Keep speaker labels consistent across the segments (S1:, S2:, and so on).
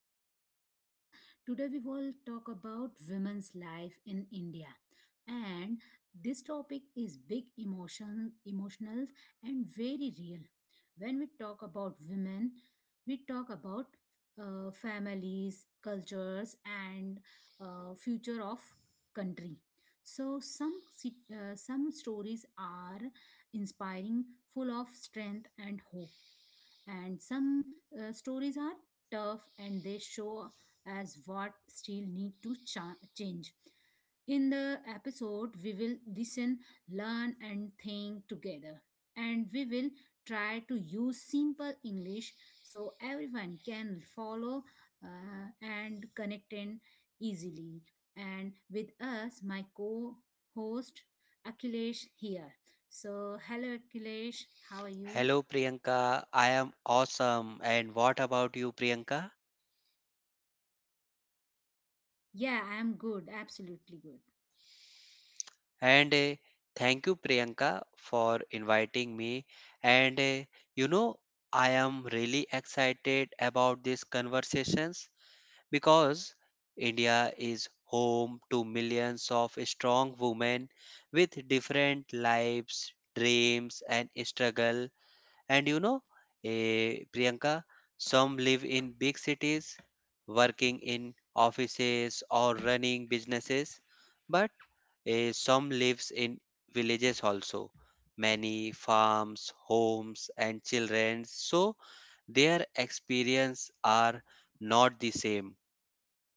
S1: our podcast. Today we will talk about women's life in India. And this topic is big emotional and very real. When we talk about women, we talk about families, cultures and future of country. So some stories are inspiring, full of strength and hope and some stories are tough and they show as what still need to change. In the episode we will listen, learn and think together, and we will try to use simple English so everyone can follow, and connect in easily. And with us my co-host Akhilesh here, so hello Akhilesh, how are you?
S2: Hello Priyanka, I am awesome. And what about you, Priyanka?
S1: Yeah, I'm good, absolutely good.
S2: And thank you, Priyanka, for inviting me. And you know, I am really excited about these conversations because India is home to millions of strong women with different lives, dreams, and struggle. And Priyanka, some live in big cities, working in offices or running businesses, but some lives in villages also. Many farms, homes, and children, so their experience are not the same, but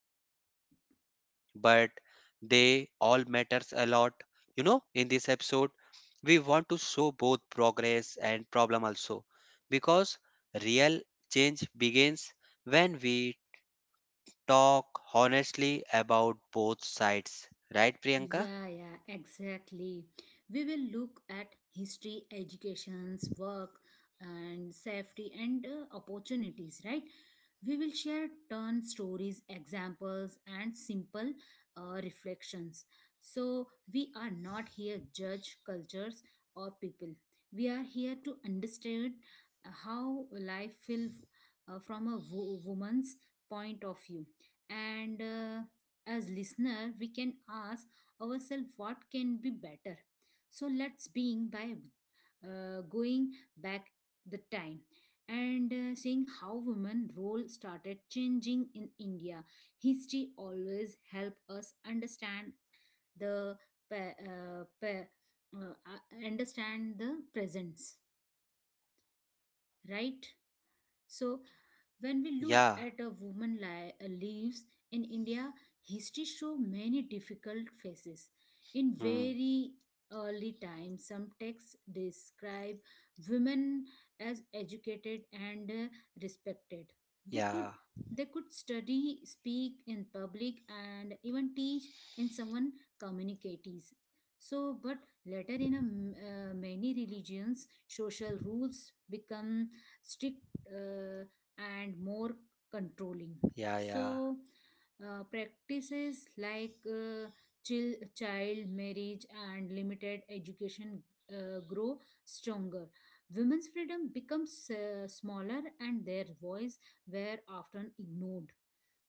S2: they all matters a lot. In this episode we want to show both progress and problem also because real change begins when we talk honestly about both sides, right, Priyanka?
S1: Yeah, yeah, exactly. We will look at history, educations, work, and safety and opportunities, right? We will share turn stories, examples, and simple reflections. So we are not here judge cultures or people. We are here to understand how life feels, from a woman's point of view. And as listener, we can ask ourselves what can be better. So let's being by going back the time and seeing how women role started changing in India. History always help us understand the pa- uh, pa- understand the presence, right? So when we look
S2: Yeah.
S1: at a woman lives in India, history show many difficult phases. In
S2: Hmm.
S1: very early times, some texts describe women as educated and respected. They could
S2: Yeah,
S1: they could study, speak in public, and even teach in someone communities. So, but later in a, many religions, social rules become strict. Uh, and more controlling.
S2: yeah,
S1: So,
S2: yeah,
S1: practices like child marriage and limited education grow stronger. Women's freedom becomes smaller and their voice were often ignored.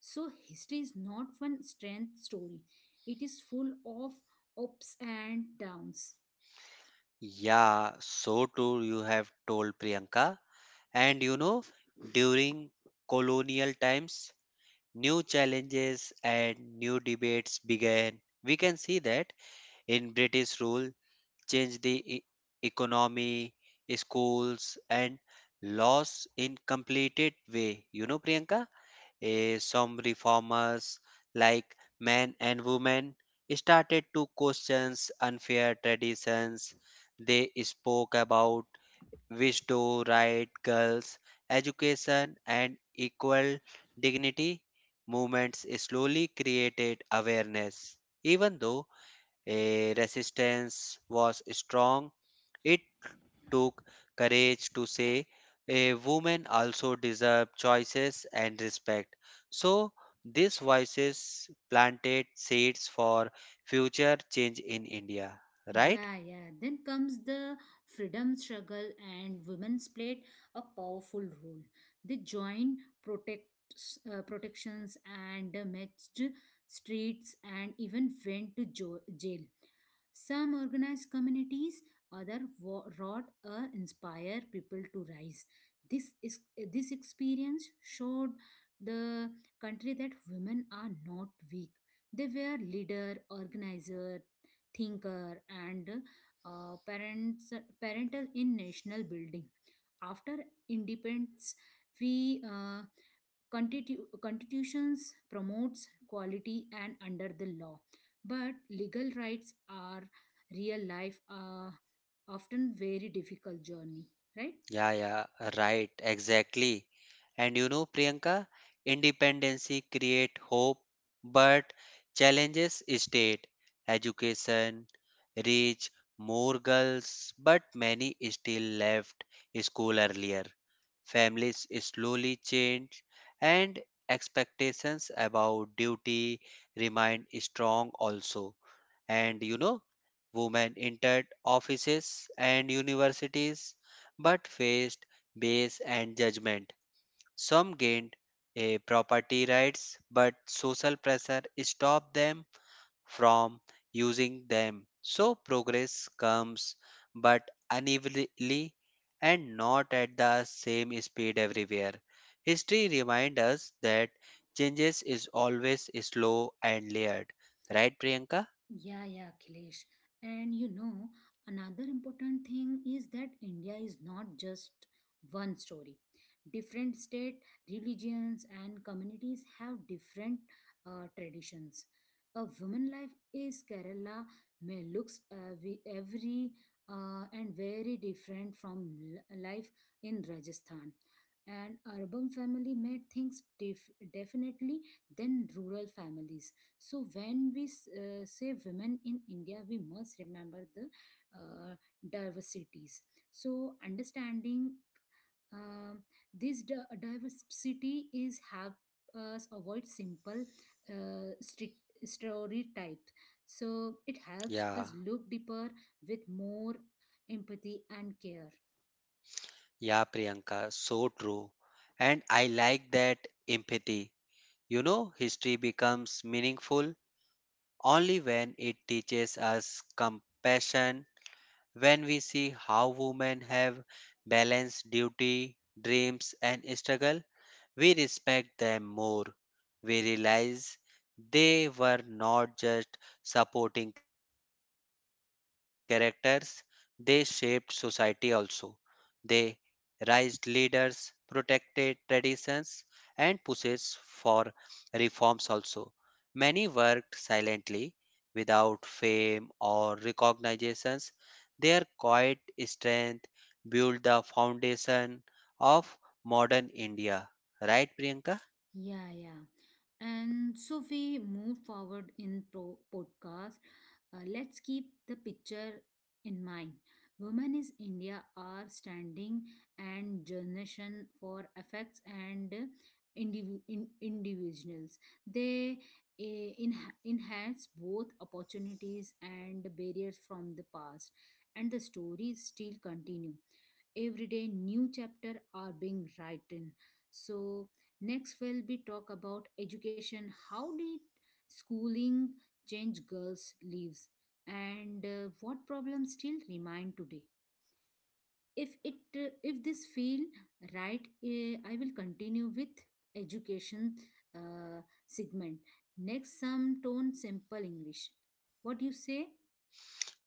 S1: So, history is not one strength story, it is full of ups and downs.
S2: yeah, so too you have told, Priyanka. And during colonial times new challenges and new debates began. We can see that in British rule change the economy, schools, and laws in completed way. Priyanka, some reformers like men and women started to question unfair traditions. They spoke about wish to right girls, education, and equal dignity. Movements slowly created awareness. Even though a resistance was strong. It took courage to say a woman also deserves choices and respect. So these voices planted seeds for future change in India, right?
S1: Yeah, yeah. Then comes the freedom struggle, and women's played a powerful role. They joined protections and matched streets and even went to jail. Some organized communities, other wrought inspire people to rise. This is this experience showed the country that women are not weak. They were leader, organizer, thinker and parents parental in national building. After independence we constitutions promotes quality and under the law, but legal rights are real life, often very difficult journey, right?
S2: Yeah, yeah, right, exactly. And Priyanka, independency create hope, but challenges state education, reach more girls, but many still left school earlier. Families slowly change, and expectations about duty remain strong also. And women entered offices and universities but faced bias and judgment. Some gained a property rights, but social pressure stopped them from using them. So progress comes, but unevenly and not at the same speed everywhere. History reminds us that changes is always slow and layered. Right, Priyanka?
S1: Yeah, yeah, Kilesh. And you know, another important thing is that India is not just one story. Different state, religions, and communities have different traditions. A woman life is Kerala may looks we every and very different from life in Rajasthan. And urban family may things definitely than rural families. So when we say women in India, we must remember the uh, diversities. So understanding um, this diversity is help us avoid simple strict stereotype. So it helps
S2: Yeah,
S1: us look deeper with more empathy and care.
S2: yeah, Priyanka, so true. And I like that empathy. History becomes meaningful only when it teaches us compassion when we see how women have balanced duty, dreams, and struggle, we respect them more. We realize they were not just supporting characters, they shaped society also. They raised leaders, protected traditions, and pushes for reforms also. Many worked silently without fame or recognitions. Their quiet strength built the foundation of modern India. Right, Priyanka?
S1: Yeah, yeah. And so we move forward in pro podcast. Let's keep the picture in mind. Women is India are standing and generation for effects and individuals. They enhance both opportunities and barriers from the past, and the stories still continue. Every day new chapter are being written. So next will be talk about education. How did schooling change girls' lives, and what problems still remain today? If this feel right, I will continue with education segment. Next, some tone simple English. What do you say?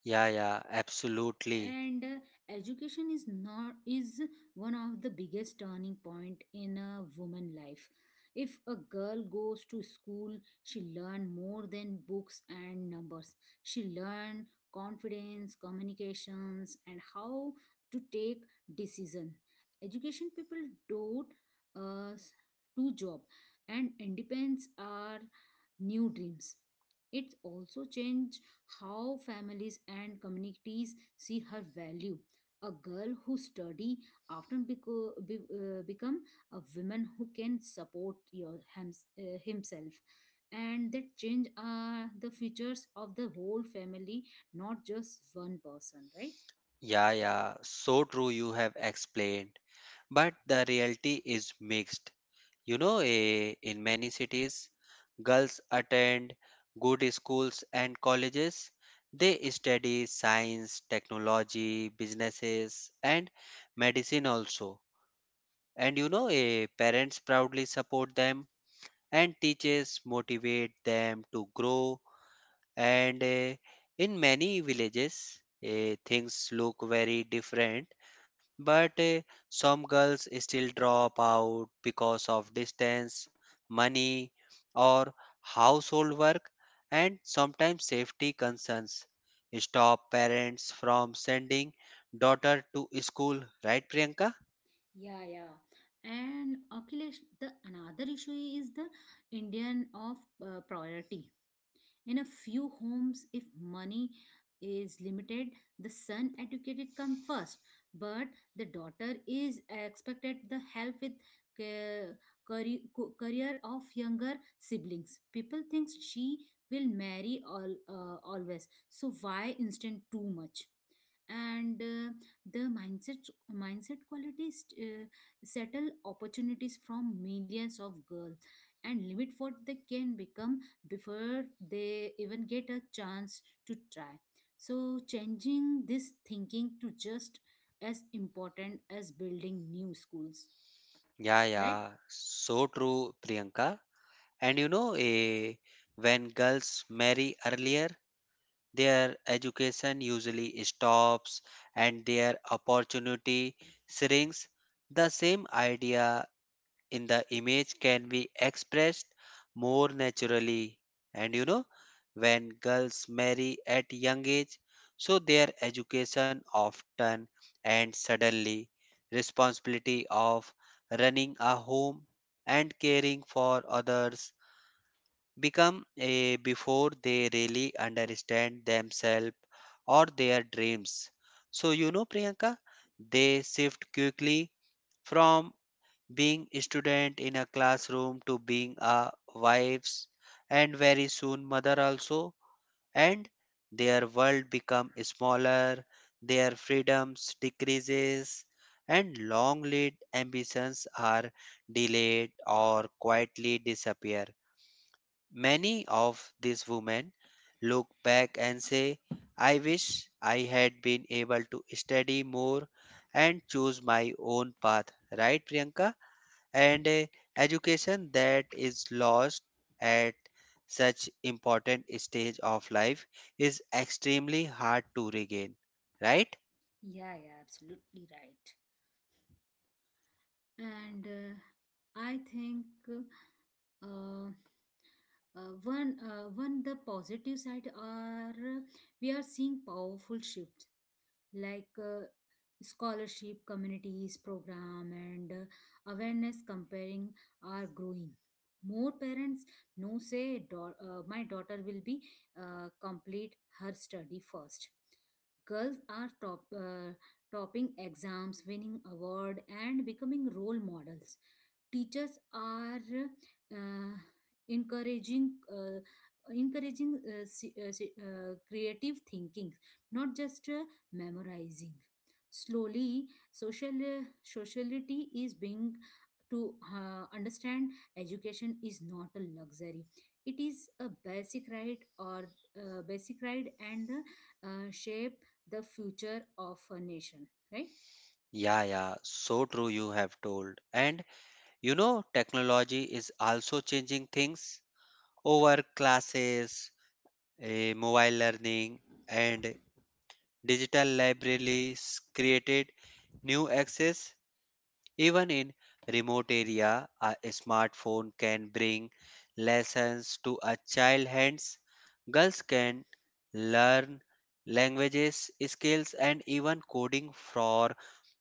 S2: Yeah, yeah, absolutely.
S1: And education is not is one of the biggest turning point in a woman life. If a girl goes to school, she learn more than books and numbers. She learn confidence, communications and how to take decision. Education people do uh, do job and independence are new dreams. It also change how families and communities see her value. A girl who study often become a woman who can support your himself, and that change the futures of the whole family, not just one person, right?
S2: Yeah, yeah, so true you have explained. But the reality is mixed. In many cities, girls attend good schools and colleges. They study science, technology, businesses, and medicine also. And parents proudly support them, and teachers motivate them to grow. And in many villages, things look very different but some girls still drop out because of distance, money, or household work, and sometimes safety concerns stop parents from sending daughter to school, right, Priyanka?
S1: Yeah, yeah. And Akhilesh, the another issue is the indian of priority. In a few homes, if money is limited, the son educated come first, but the daughter is expected the help with ca- career career of younger siblings. People think she will marry all always. So why instant too much? And the mindset mindset qualities settle opportunities from millions of girls and limit what they can become before they even get a chance to try. So, changing this thinking to just as important as building new schools,
S2: Yeah,
S1: right?
S2: yeah, so true, Priyanka. And when girls marry earlier, their education usually stops and their opportunity shrinks. The same idea in the image can be expressed more naturally. And when girls marry at young age, so their education often ends suddenly. Responsibility of running a home and caring for others become a before they really understand themselves or their dreams. So, Priyanka, they shift quickly from being a student in a classroom to being a wives and very soon mother also, and their world become smaller, their freedoms decreases and long lived ambitions are delayed or quietly disappear. Many of these women look back and say, I wish I had been able to study more and choose my own path, right, Priyanka? And education that is lost at such important stage of life is extremely hard to regain, right?
S1: Yeah, yeah, absolutely right. And I think uh, one the positive side are, we are seeing powerful shifts like scholarship communities program and awareness comparing are growing. More parents know say, My daughter will be complete her study first." Girls are topping exams, winning award and becoming role models. Teachers are uh, encouraging uh, encouraging creative thinking, not just memorizing. Slowly sociality is being to understand education is not a luxury, it is a basic right. Or basic right and the, shape the future of a nation, right?
S2: Yeah, yeah, so true you have told. And technology is also changing things over classes, mobile learning, and digital libraries created new access. Even in remote area, a smartphone can bring lessons to a child hands. Girls can learn languages, skills, and even coding for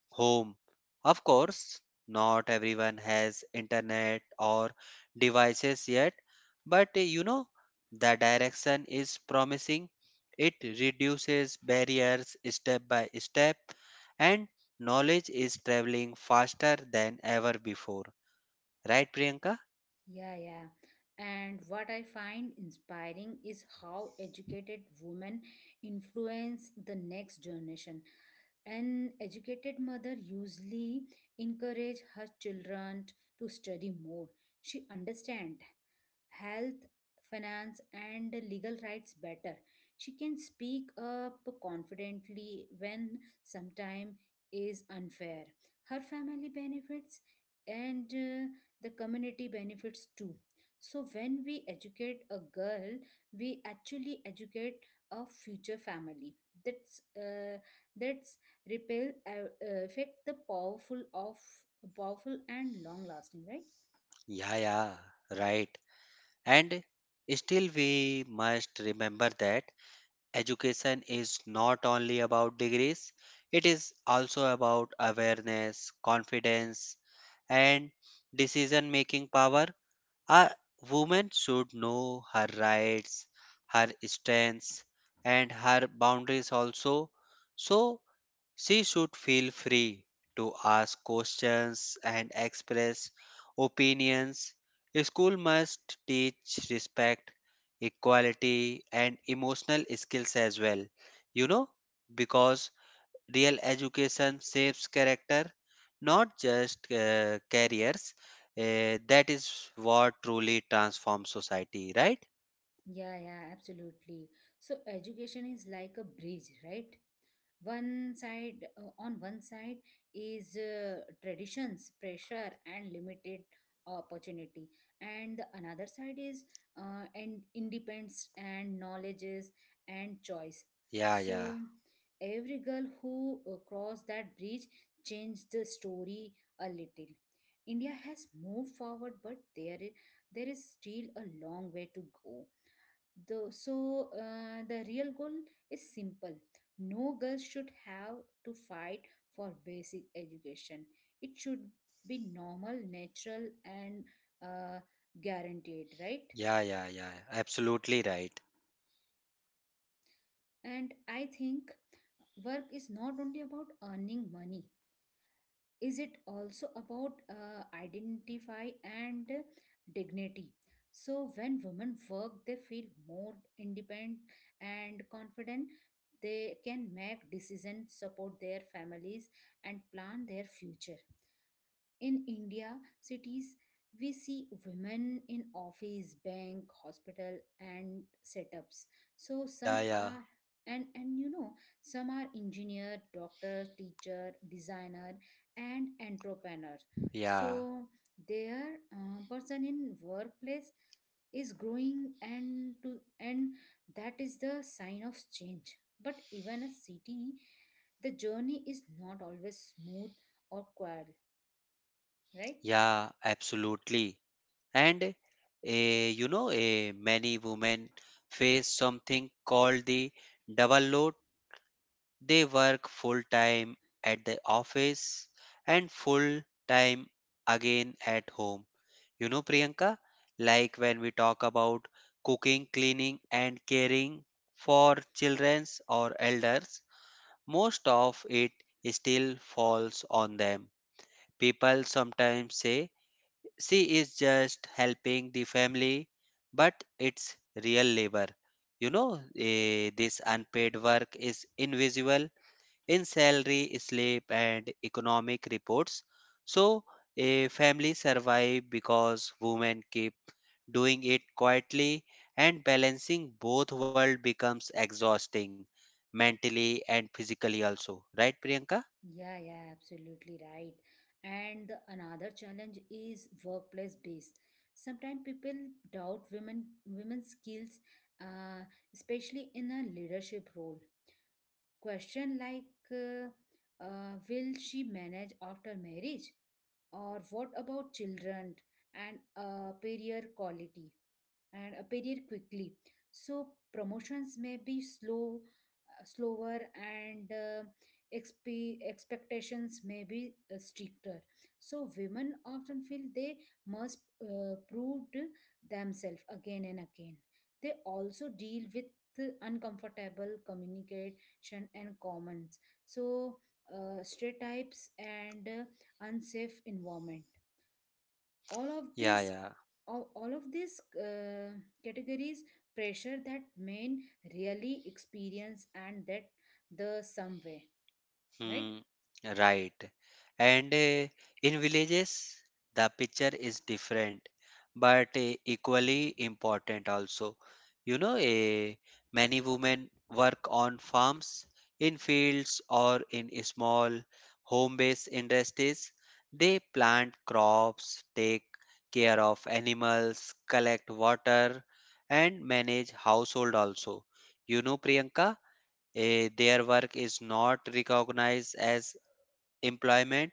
S2: home. Of course, not everyone has internet or devices yet, but the direction is promising. It reduces barriers step by step, and knowledge is traveling faster than ever before. Right, Priyanka?
S1: Yeah, yeah. And what I find inspiring is how educated women influence the next generation. An educated mother usually encourage her children to study more. She understand health, finance, and legal rights better. She can speak up confidently when sometime is unfair. Her family benefits and the community benefits too. So when we educate a girl, we actually educate a future family. That's uh, that's repel affect the powerful of powerful and long lasting, right?
S2: Yeah, yeah, right. And still, we must remember that. Education is not only about degrees, it is also about awareness, confidence, and decision making power. A woman should know her rights, her strengths, and her boundaries also. So, she should feel free to ask questions and express opinions. School must teach respect, equality, and emotional skills as well. You know, because real education shapes character, not just careers. That is what truly transforms society, right?
S1: Yeah, yeah, absolutely. So education is like a bridge, right? On one side is traditions, pressure, and limited opportunity, and the another side is and independence and knowledges and choice.
S2: Yeah, yeah,
S1: So every girl who crossed that bridge changed the story a little. India has moved forward, but there is still a long way to go. Though, so the real goal is simple. No girl should have to fight for basic education. It should be normal, natural, and uh, guaranteed, right?
S2: yeah, yeah, yeah, absolutely right.
S1: And I think work is not only about earning money. Is it also about identify and dignity? So when women work they feel more independent and confident. They can make decisions, support their families and plan their future. In India, cities, we see women in office, bank, hospital, and setups. So
S2: Yeah,
S1: some
S2: yeah,
S1: are, and you know, some are engineer, doctor, teacher, designer, and entrepreneur.
S2: yeah.
S1: So their person in workplace is growing and to, and that is the sign of change. But even a city, the journey is not always smooth or quiet, right?
S2: Yeah, absolutely. And many women face something called the double load. They work full time at the office and full time again at home. Priyanka, like when we talk about cooking, cleaning, and caring for childrens or elders, most of it still falls on them. People sometimes say she is just helping the family, but it's real labor. This unpaid work is invisible in salary, slip and economic reports. So, a family survive because women keep doing it quietly, and balancing both world becomes exhausting mentally and physically also. Right, Priyanka?
S1: Yeah, yeah, absolutely right. And the another challenge is workplace based. Sometimes people doubt women's skills, uh, especially in a leadership role. Question like, uh, will she manage after marriage? Or what about children and career quality? And appear quickly. So promotions may be slower, and expectations may be stricter. So women often feel they must prove themselves again and again. They also deal with uncomfortable communication and comments. So stereotypes and unsafe environment, all of
S2: Yeah,
S1: this
S2: yeah.
S1: all of these categories pressure that men really experience and that the some way, right?
S2: Hmm, right. And in villages, the picture is different, but equally important also. You know, eh, many women work on farms, in fields, or in small home-based industries. They plant crops, take care of animals, collect water, and manage household also. Priyanka, their work is not recognized as employment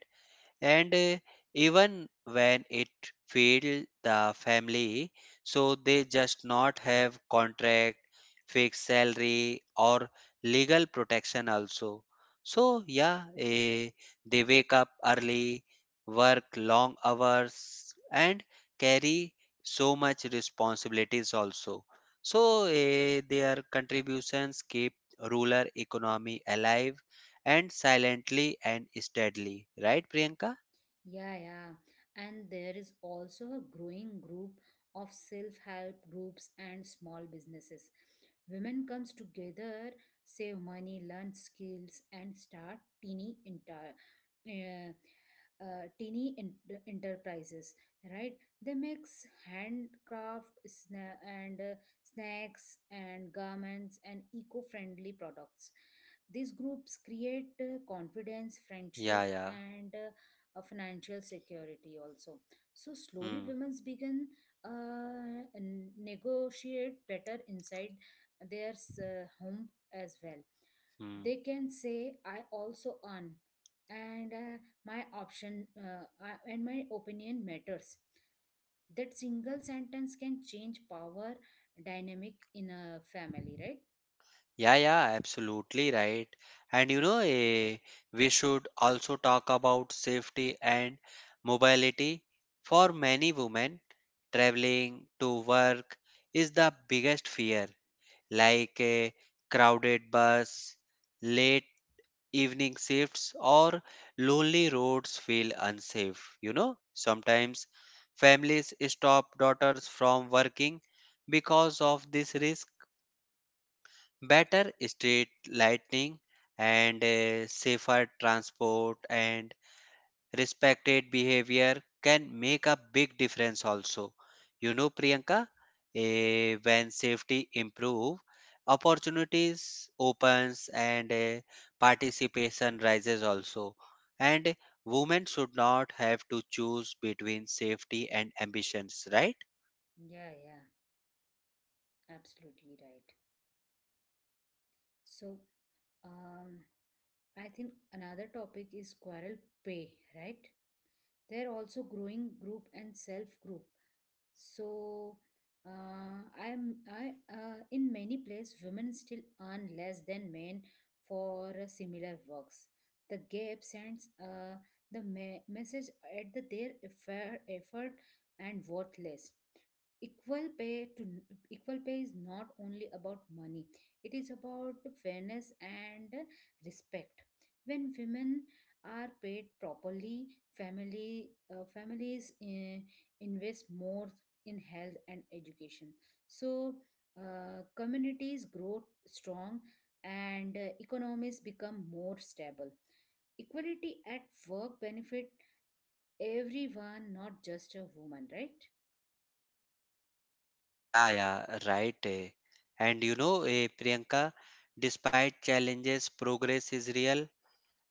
S2: and even when it failed the family, so they just not have contract, fixed salary or legal protection also. So yeah, they wake up early, work long hours and carry so much responsibilities also. So their contributions keep rural economy alive, and silently and steadily, right, Priyanka?
S1: Yeah, yeah. And there is also a growing group of self-help groups and small businesses. Women comes together, save money, learn skills, and start teeny inter uh, teeny ent- enterprises, right? They mix handcraft and snacks and garments and eco-friendly products. These groups create confidence, friendship,
S2: Yeah, yeah.
S1: and financial security also. So slowly
S2: Hmm,
S1: women's began negotiate better inside their home as well.
S2: hmm.
S1: They can say, I also earn, and my opinion matters. That single sentence can change power dynamic in a family, right?
S2: Yeah, yeah, absolutely right. And we should also talk about safety and mobility. For many women, traveling to work is the biggest fear, like a crowded bus, late evening shifts, or lonely roads feel unsafe. You know, sometimes families stop daughters from working because of this risk. Better street lighting and safer transport and respected behavior can make a big difference also. Priyanka, when safety improve, opportunities opens and participation rises also, and women should not have to choose between safety and ambitions, right?
S1: Yeah, yeah, absolutely right. So Um, I think another topic is quarrel pay, right? They're also growing group and self group. So I'm I in many places women still earn less than men for similar works. The gap sends message at the, their effort, effort and worthless. Equal pay to equal pay is not only about money, it is about fairness and respect. When women are paid properly, family families invest more in health and education. So communities grow strong and economies become more stable. Equality at work benefit everyone, not just a woman, right?
S2: Yeah, yeah, right. Eh. And Priyanka, despite challenges, progress is real.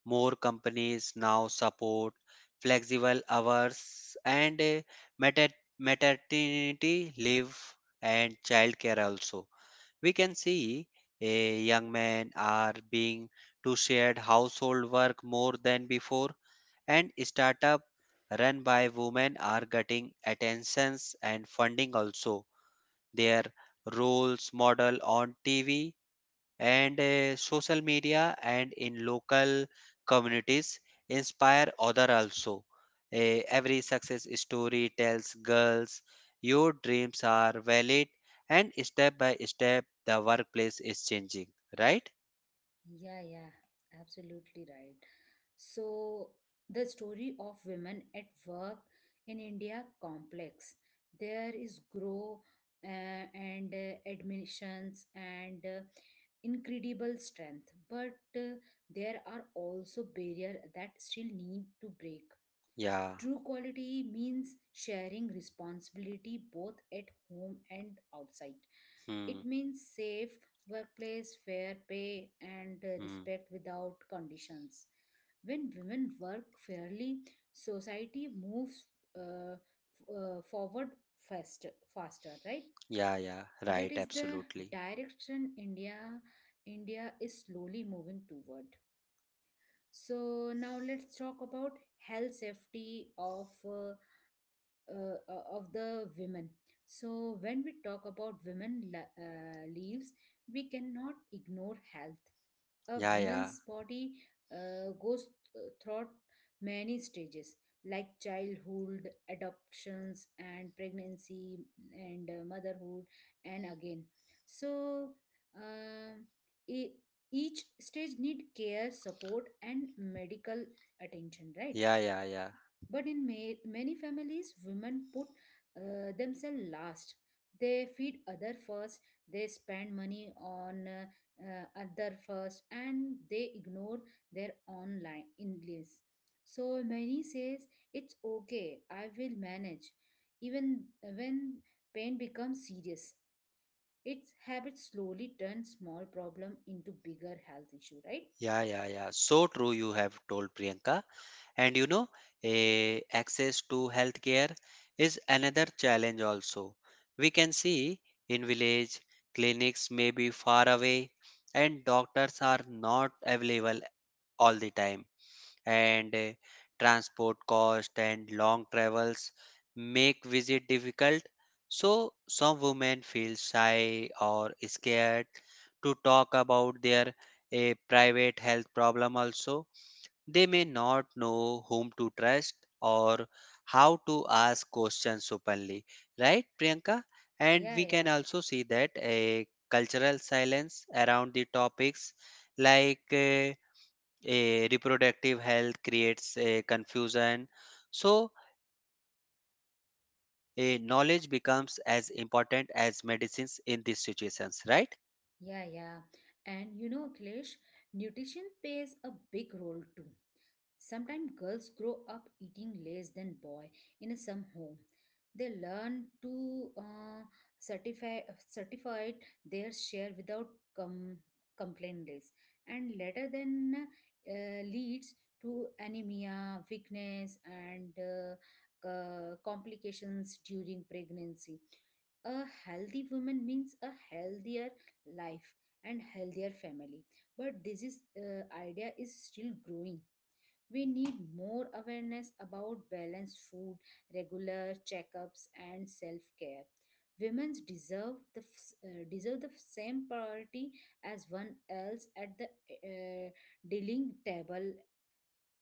S2: More companies now support flexible hours and mater maternity leave and childcare also. We can see young men are being to shared household work more than before, and startup run by women are getting attentions and funding also. Their roles model on TV and social media and in local communities inspire other also. Every success story tells girls your dreams are valid, and step by step the workplace is changing, right?
S1: Yeah, yeah, absolutely right. So the story of women at work in India complex. There is grow uh, and admissions and incredible strength, but there are also barriers that still need to break.
S2: Yeah.
S1: True quality means sharing responsibility both at home and outside.
S2: Hmm.
S1: It means safe workplace, fair pay, and
S2: Hmm.
S1: respect without conditions. When women work fairly, society moves uh, f- forward faster, right?
S2: Yeah, yeah. Right,
S1: That is the
S2: absolutely.
S1: direction India is slowly moving toward. So now let's talk about health safety of the women. So when we talk about women leaves, we cannot ignore health. A
S2: Yeah, yeah.
S1: woman's body goes through many stages like childhood, adoptions, and pregnancy, and motherhood, and again. So um, e- each stage need care, support, and medical attention, right?
S2: Yeah, yeah, yeah.
S1: But in many families, women put themselves last. They feed other first, they spend money on other first, and they ignore their own line English. So many says it's okay, I will manage. Even when pain becomes serious, its habits slowly turn small problem into bigger health issue, right?
S2: Yeah, yeah, yeah, so true you have told Priyanka. And access to healthcare is another challenge also. We can see in village clinics may be far away and doctors are not available all the time. And transport cost and long travels make visit difficult. So some women feel shy or scared to talk about their a private health problem also. They may not know whom to trust or how to ask questions openly, right, Priyanka? And
S1: Yeah,
S2: we
S1: yeah.
S2: can also see that a cultural silence around the topics like a reproductive health creates a confusion. So, a knowledge becomes as important as medicines in these situations, right?
S1: Yeah, yeah. And you know, Akhilesh, nutrition plays a big role too. Sometimes girls grow up eating less than boy in a some home. They learn to certify certify their share without com- complaint list, and later then leads to anemia, weakness, and complications during pregnancy. A healthy woman means a healthier life and healthier family, but this is idea is still growing. We need more awareness about balanced food, regular checkups, and self care. Women deserve the deserve the same priority as one else at the dealing table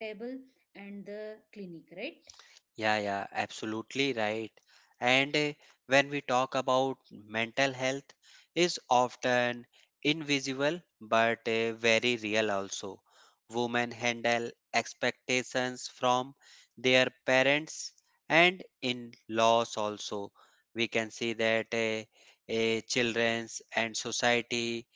S1: table and the clinic, right?
S2: Yeah, yeah, absolutely right. And when we talk about mental health is often invisible but very real also. Women handle expectations from their parents and in laws also. We can see that children's and society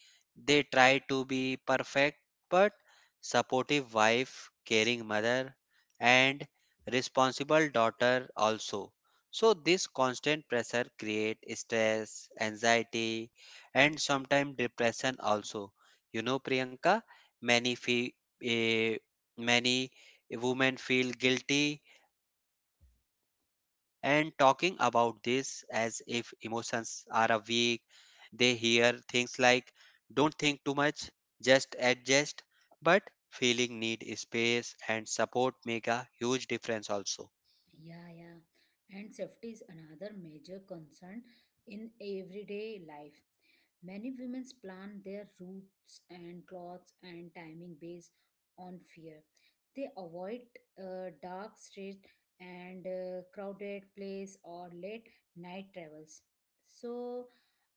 S2: they try to be perfect but supportive wife, caring mother and responsible daughter also. So this constant pressure create stress, anxiety and sometimes depression also. You know, Priyanka, many fe- eh, many women feel guilty and talking about this as if emotions are a weak. They hear things like don't think too much, just adjust. But feeling need space and support make a huge difference also.
S1: Yeah, yeah. And safety is another major concern in everyday life. Many women plan their routes and clothes and timing based on fear. They avoid dark streets and crowded place or late night travels. So,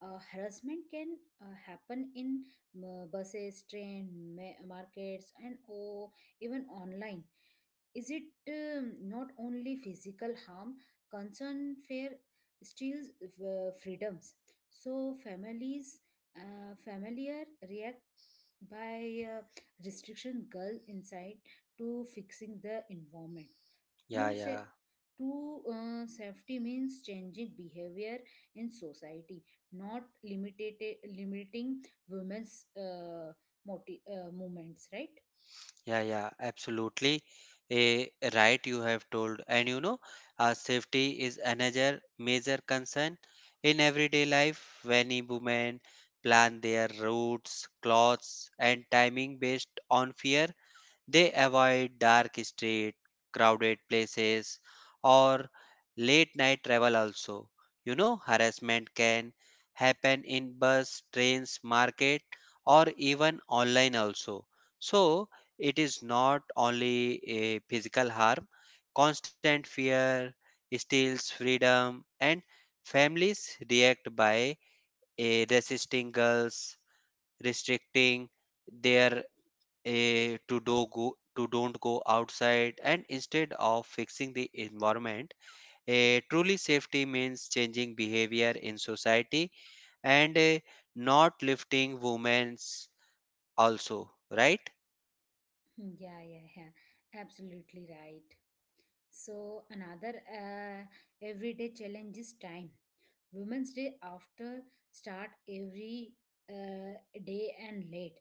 S1: harassment can happen in buses, train, markets, and oh, even online. Is it not only physical harm, concern fair steals freedoms. So familiar react by restriction girl inside to fixing the environment.
S2: Yeah,
S1: True,
S2: yeah,
S1: sa- true safety means changing behavior in society, not limited limiting women's movements, right?
S2: yeah, yeah, absolutely. A right you have told. And safety is another major concern in everyday life. Many women plan their routes, clothes, and timing based on fear. They avoid dark streets, crowded places, or late night travel also. You know, harassment can happen in bus, trains, market, or even online also. So, it is not only a physical harm, constant fear steals freedom, and families react by resisting girls, restricting their to do go to don't go outside and instead of fixing the environment. A truly safety means changing behavior in society and not lifting women's also, right?
S1: Hmm. Yeah, yeah, yeah. Absolutely right. So another everyday challenge is time. Women's Day after start every uh, day and late.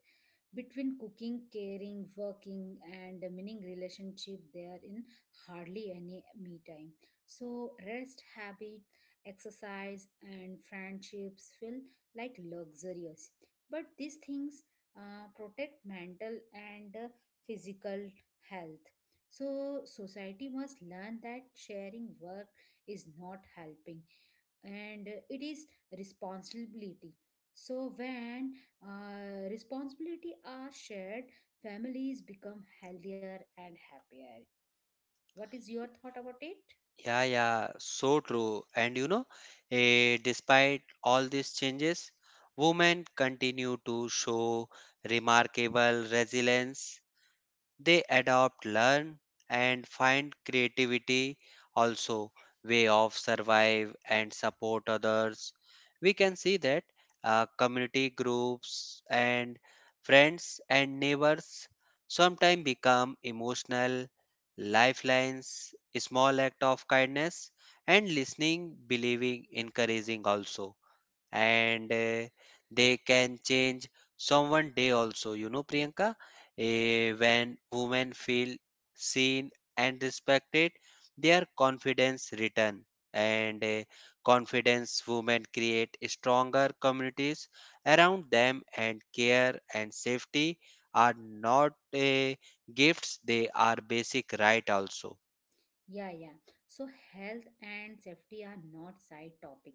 S1: Between cooking, caring, working, and meaning relationship, there in hardly any me time. So rest, habit, exercise, and friendships feel like luxurious. But these things protect mental and physical health. So society must learn that sharing work is not helping, and it is responsibility. So when responsibility are shared, families become healthier and happier. What is your thought about it?
S2: Yeah, yeah, so true. And despite all these changes women continue to show remarkable resilience. They adopt, learn, and find creativity also way of survive and support others. We can see that community groups and friends and neighbors sometimes become emotional lifelines, small act of kindness and listening, believing, encouraging also. And they can change someone day also. Priyanka, when women feel seen and respected, their confidence return and confidence women create stronger communities around them and care and safety are not gifts, they are basic right also.
S1: Yeah, yeah. So health and safety are not side topic.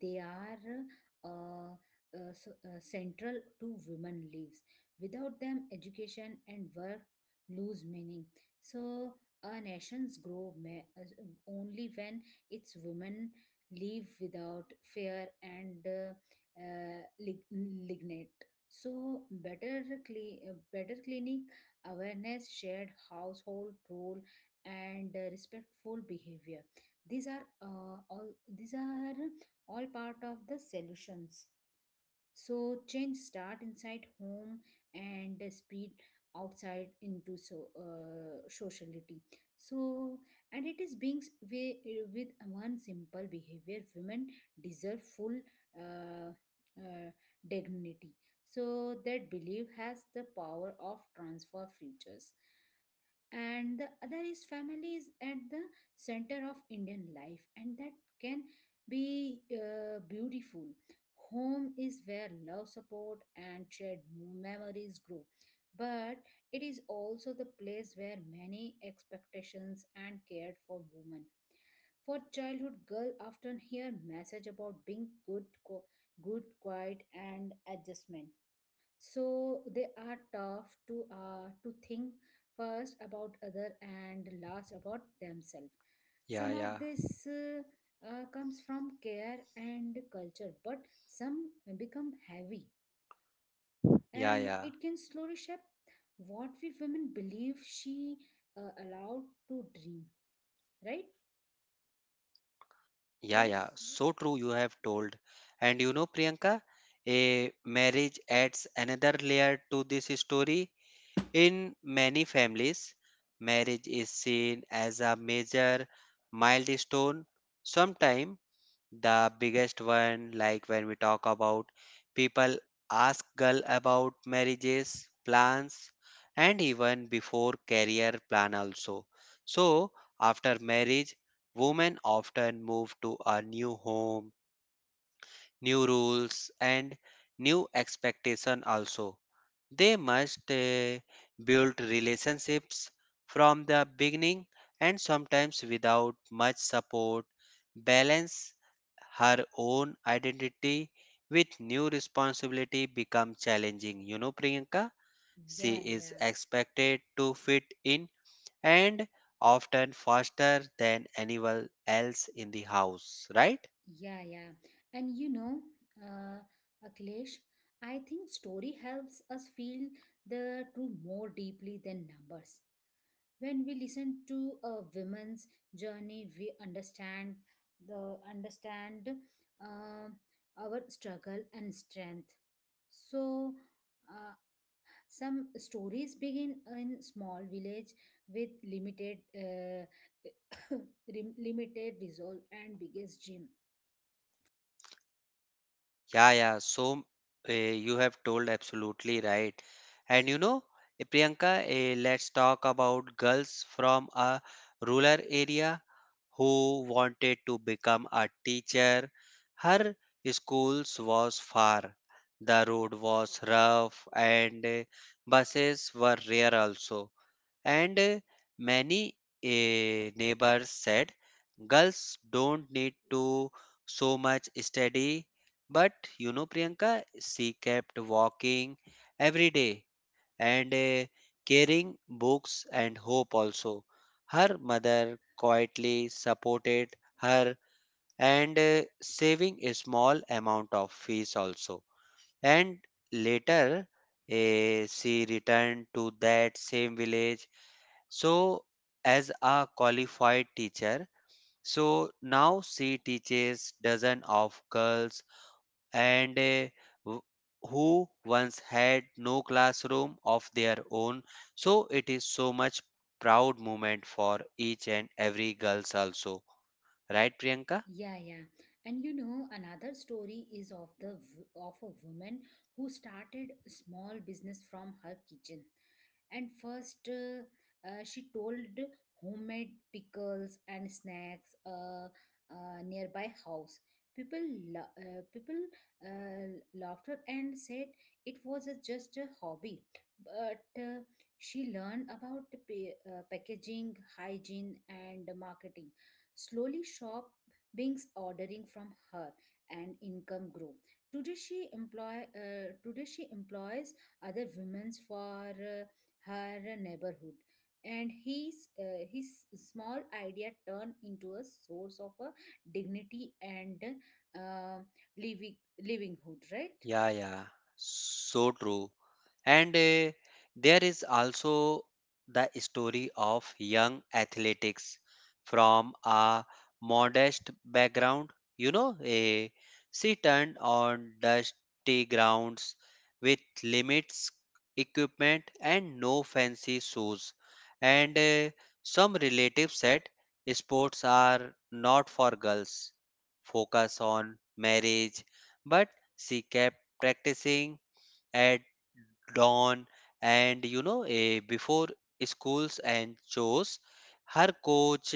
S1: They are uh, central to women lives. Without them, education and work lose meaning. So a nations grow only when its women live without fear and lignite. So better clinic awareness, shared household role, and respectful behavior, these are uh, all these are all part of the solutions. So change start inside home and spread outside into sociality. So, and it is being with one simple behavior, women deserve full uh, uh, dignity. So that belief has the power of transfer futures. And the other is family is at the center of Indian life, and that can be beautiful. Home is where love, support, and shared memories grow, but it is also the place where many expectations and cared for women. For childhood, girl often hear message about being good, quiet, and adjustment. So they are tough to think first about other and last about themselves. Some
S2: Yeah,
S1: of
S2: yeah,
S1: this comes from care and culture, but some become heavy,
S2: yeah,
S1: and
S2: yeah,
S1: it can slowly shape what we women believe she allowed to dream, right?
S2: yeah,
S1: What is?
S2: yeah, so true you have told. And Priyanka, a marriage adds another layer to this story. In many families, marriage is seen as a major milestone. Sometimes the biggest one, like when we talk about people ask girl about marriages, plans, and even before career plan also. So after marriage, women often move to a new home, new rules and new expectation also. They must build relationships from the beginning and sometimes without much support. Balance her own identity with new responsibility become challenging. Priyanka, she
S1: Yeah,
S2: is
S1: yeah.
S2: expected to fit in and often faster than anyone else in the house, right?
S1: Yeah, yeah. And you know, uh, Akhilesh, I think story helps us feel the truth more deeply than numbers. When we listen to a woman's journey, we understand the understand uh, our struggle and strength. So, uh, some stories begin in small village with limited limited resolve and biggest dream.
S2: Yeah, yeah. So you have told absolutely right. And Priyanka, let's talk about girls from a rural area who wanted to become a teacher. Her schools was far. The road was rough and buses were rare also. And many neighbors said, girls don't need to so much study. But you know, Priyanka, she kept walking every day and carrying books and hope also. Her mother quietly supported her and saving a small amount of fees also. And later, she returned to that same village, so as a qualified teacher, so now she teaches dozen of girls and wh- who once had no classroom of their own. So it is so much proud moment for each and every girls also, right, Priyanka?
S1: Yeah, yeah. And you know, another story is of the of a woman who started a small business from her kitchen. And first, she told homemade pickles and snacks nearby house. People, People uh, laughed her and said it was a, just a hobby. But she learned about the packaging, hygiene, and marketing. Slowly, shop beings ordering from her, and income grew. Today she employs other women for her neighborhood, and his small idea turned into a source of a dignity and uh, living livelihood, right?
S2: Yeah, yeah, so true. And there is also the story of young athletics from a modest background. You know, eh, she turned on dusty grounds with limits equipment and no fancy shoes. And some relatives said sports are not for girls, focus on marriage. But she kept practicing at dawn and before schools and chores. Her coach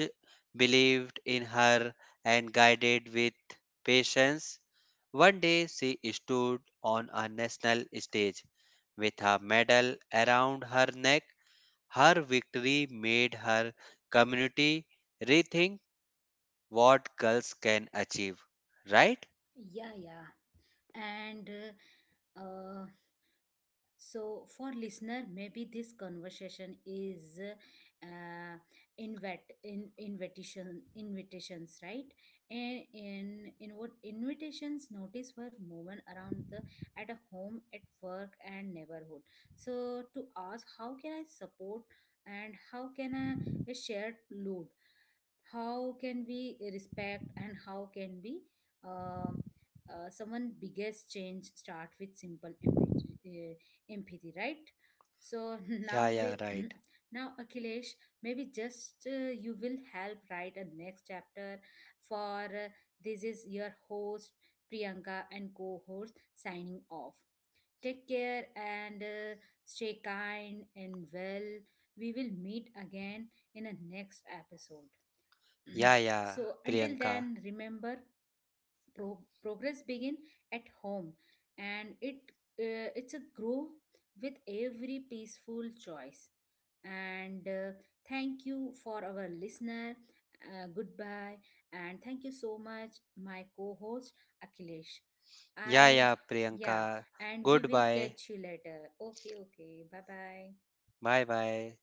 S2: believed in her and guided with patience. One day she stood on a national stage with a medal around her neck. Her victory made her community rethink what girls can achieve. Right?
S1: Yeah, yeah. And uh, uh, so for listener, maybe this conversation is uh, invite in invitation invitations, right? And in what invitations notice were moving around the at a home, at work, and neighborhood. So to ask, how can I support? And how can I share load? How can we respect? And how can we um someone biggest change start with simple uh, empathy, right? So now
S2: Yeah,
S1: we
S2: yeah, right.
S1: now Akhilesh, maybe just you will help write a next chapter for this is your host Priyanka and co-host signing off. Take care, and stay kind and well. We will meet again in a next episode.
S2: Yeah, yeah,
S1: So until
S2: Priyanka.
S1: then, remember, progress begin at home, and it it's a grow with every peaceful choice. And thank you for our listener. Uh, goodbye, and thank you so much my co-host Akhilesh.
S2: Yeah,
S1: I,
S2: yeah,
S1: yeah,
S2: Priyanka.
S1: and we will
S2: Goodbye.
S1: catch you later. Okay, okay, bye bye.
S2: Bye bye.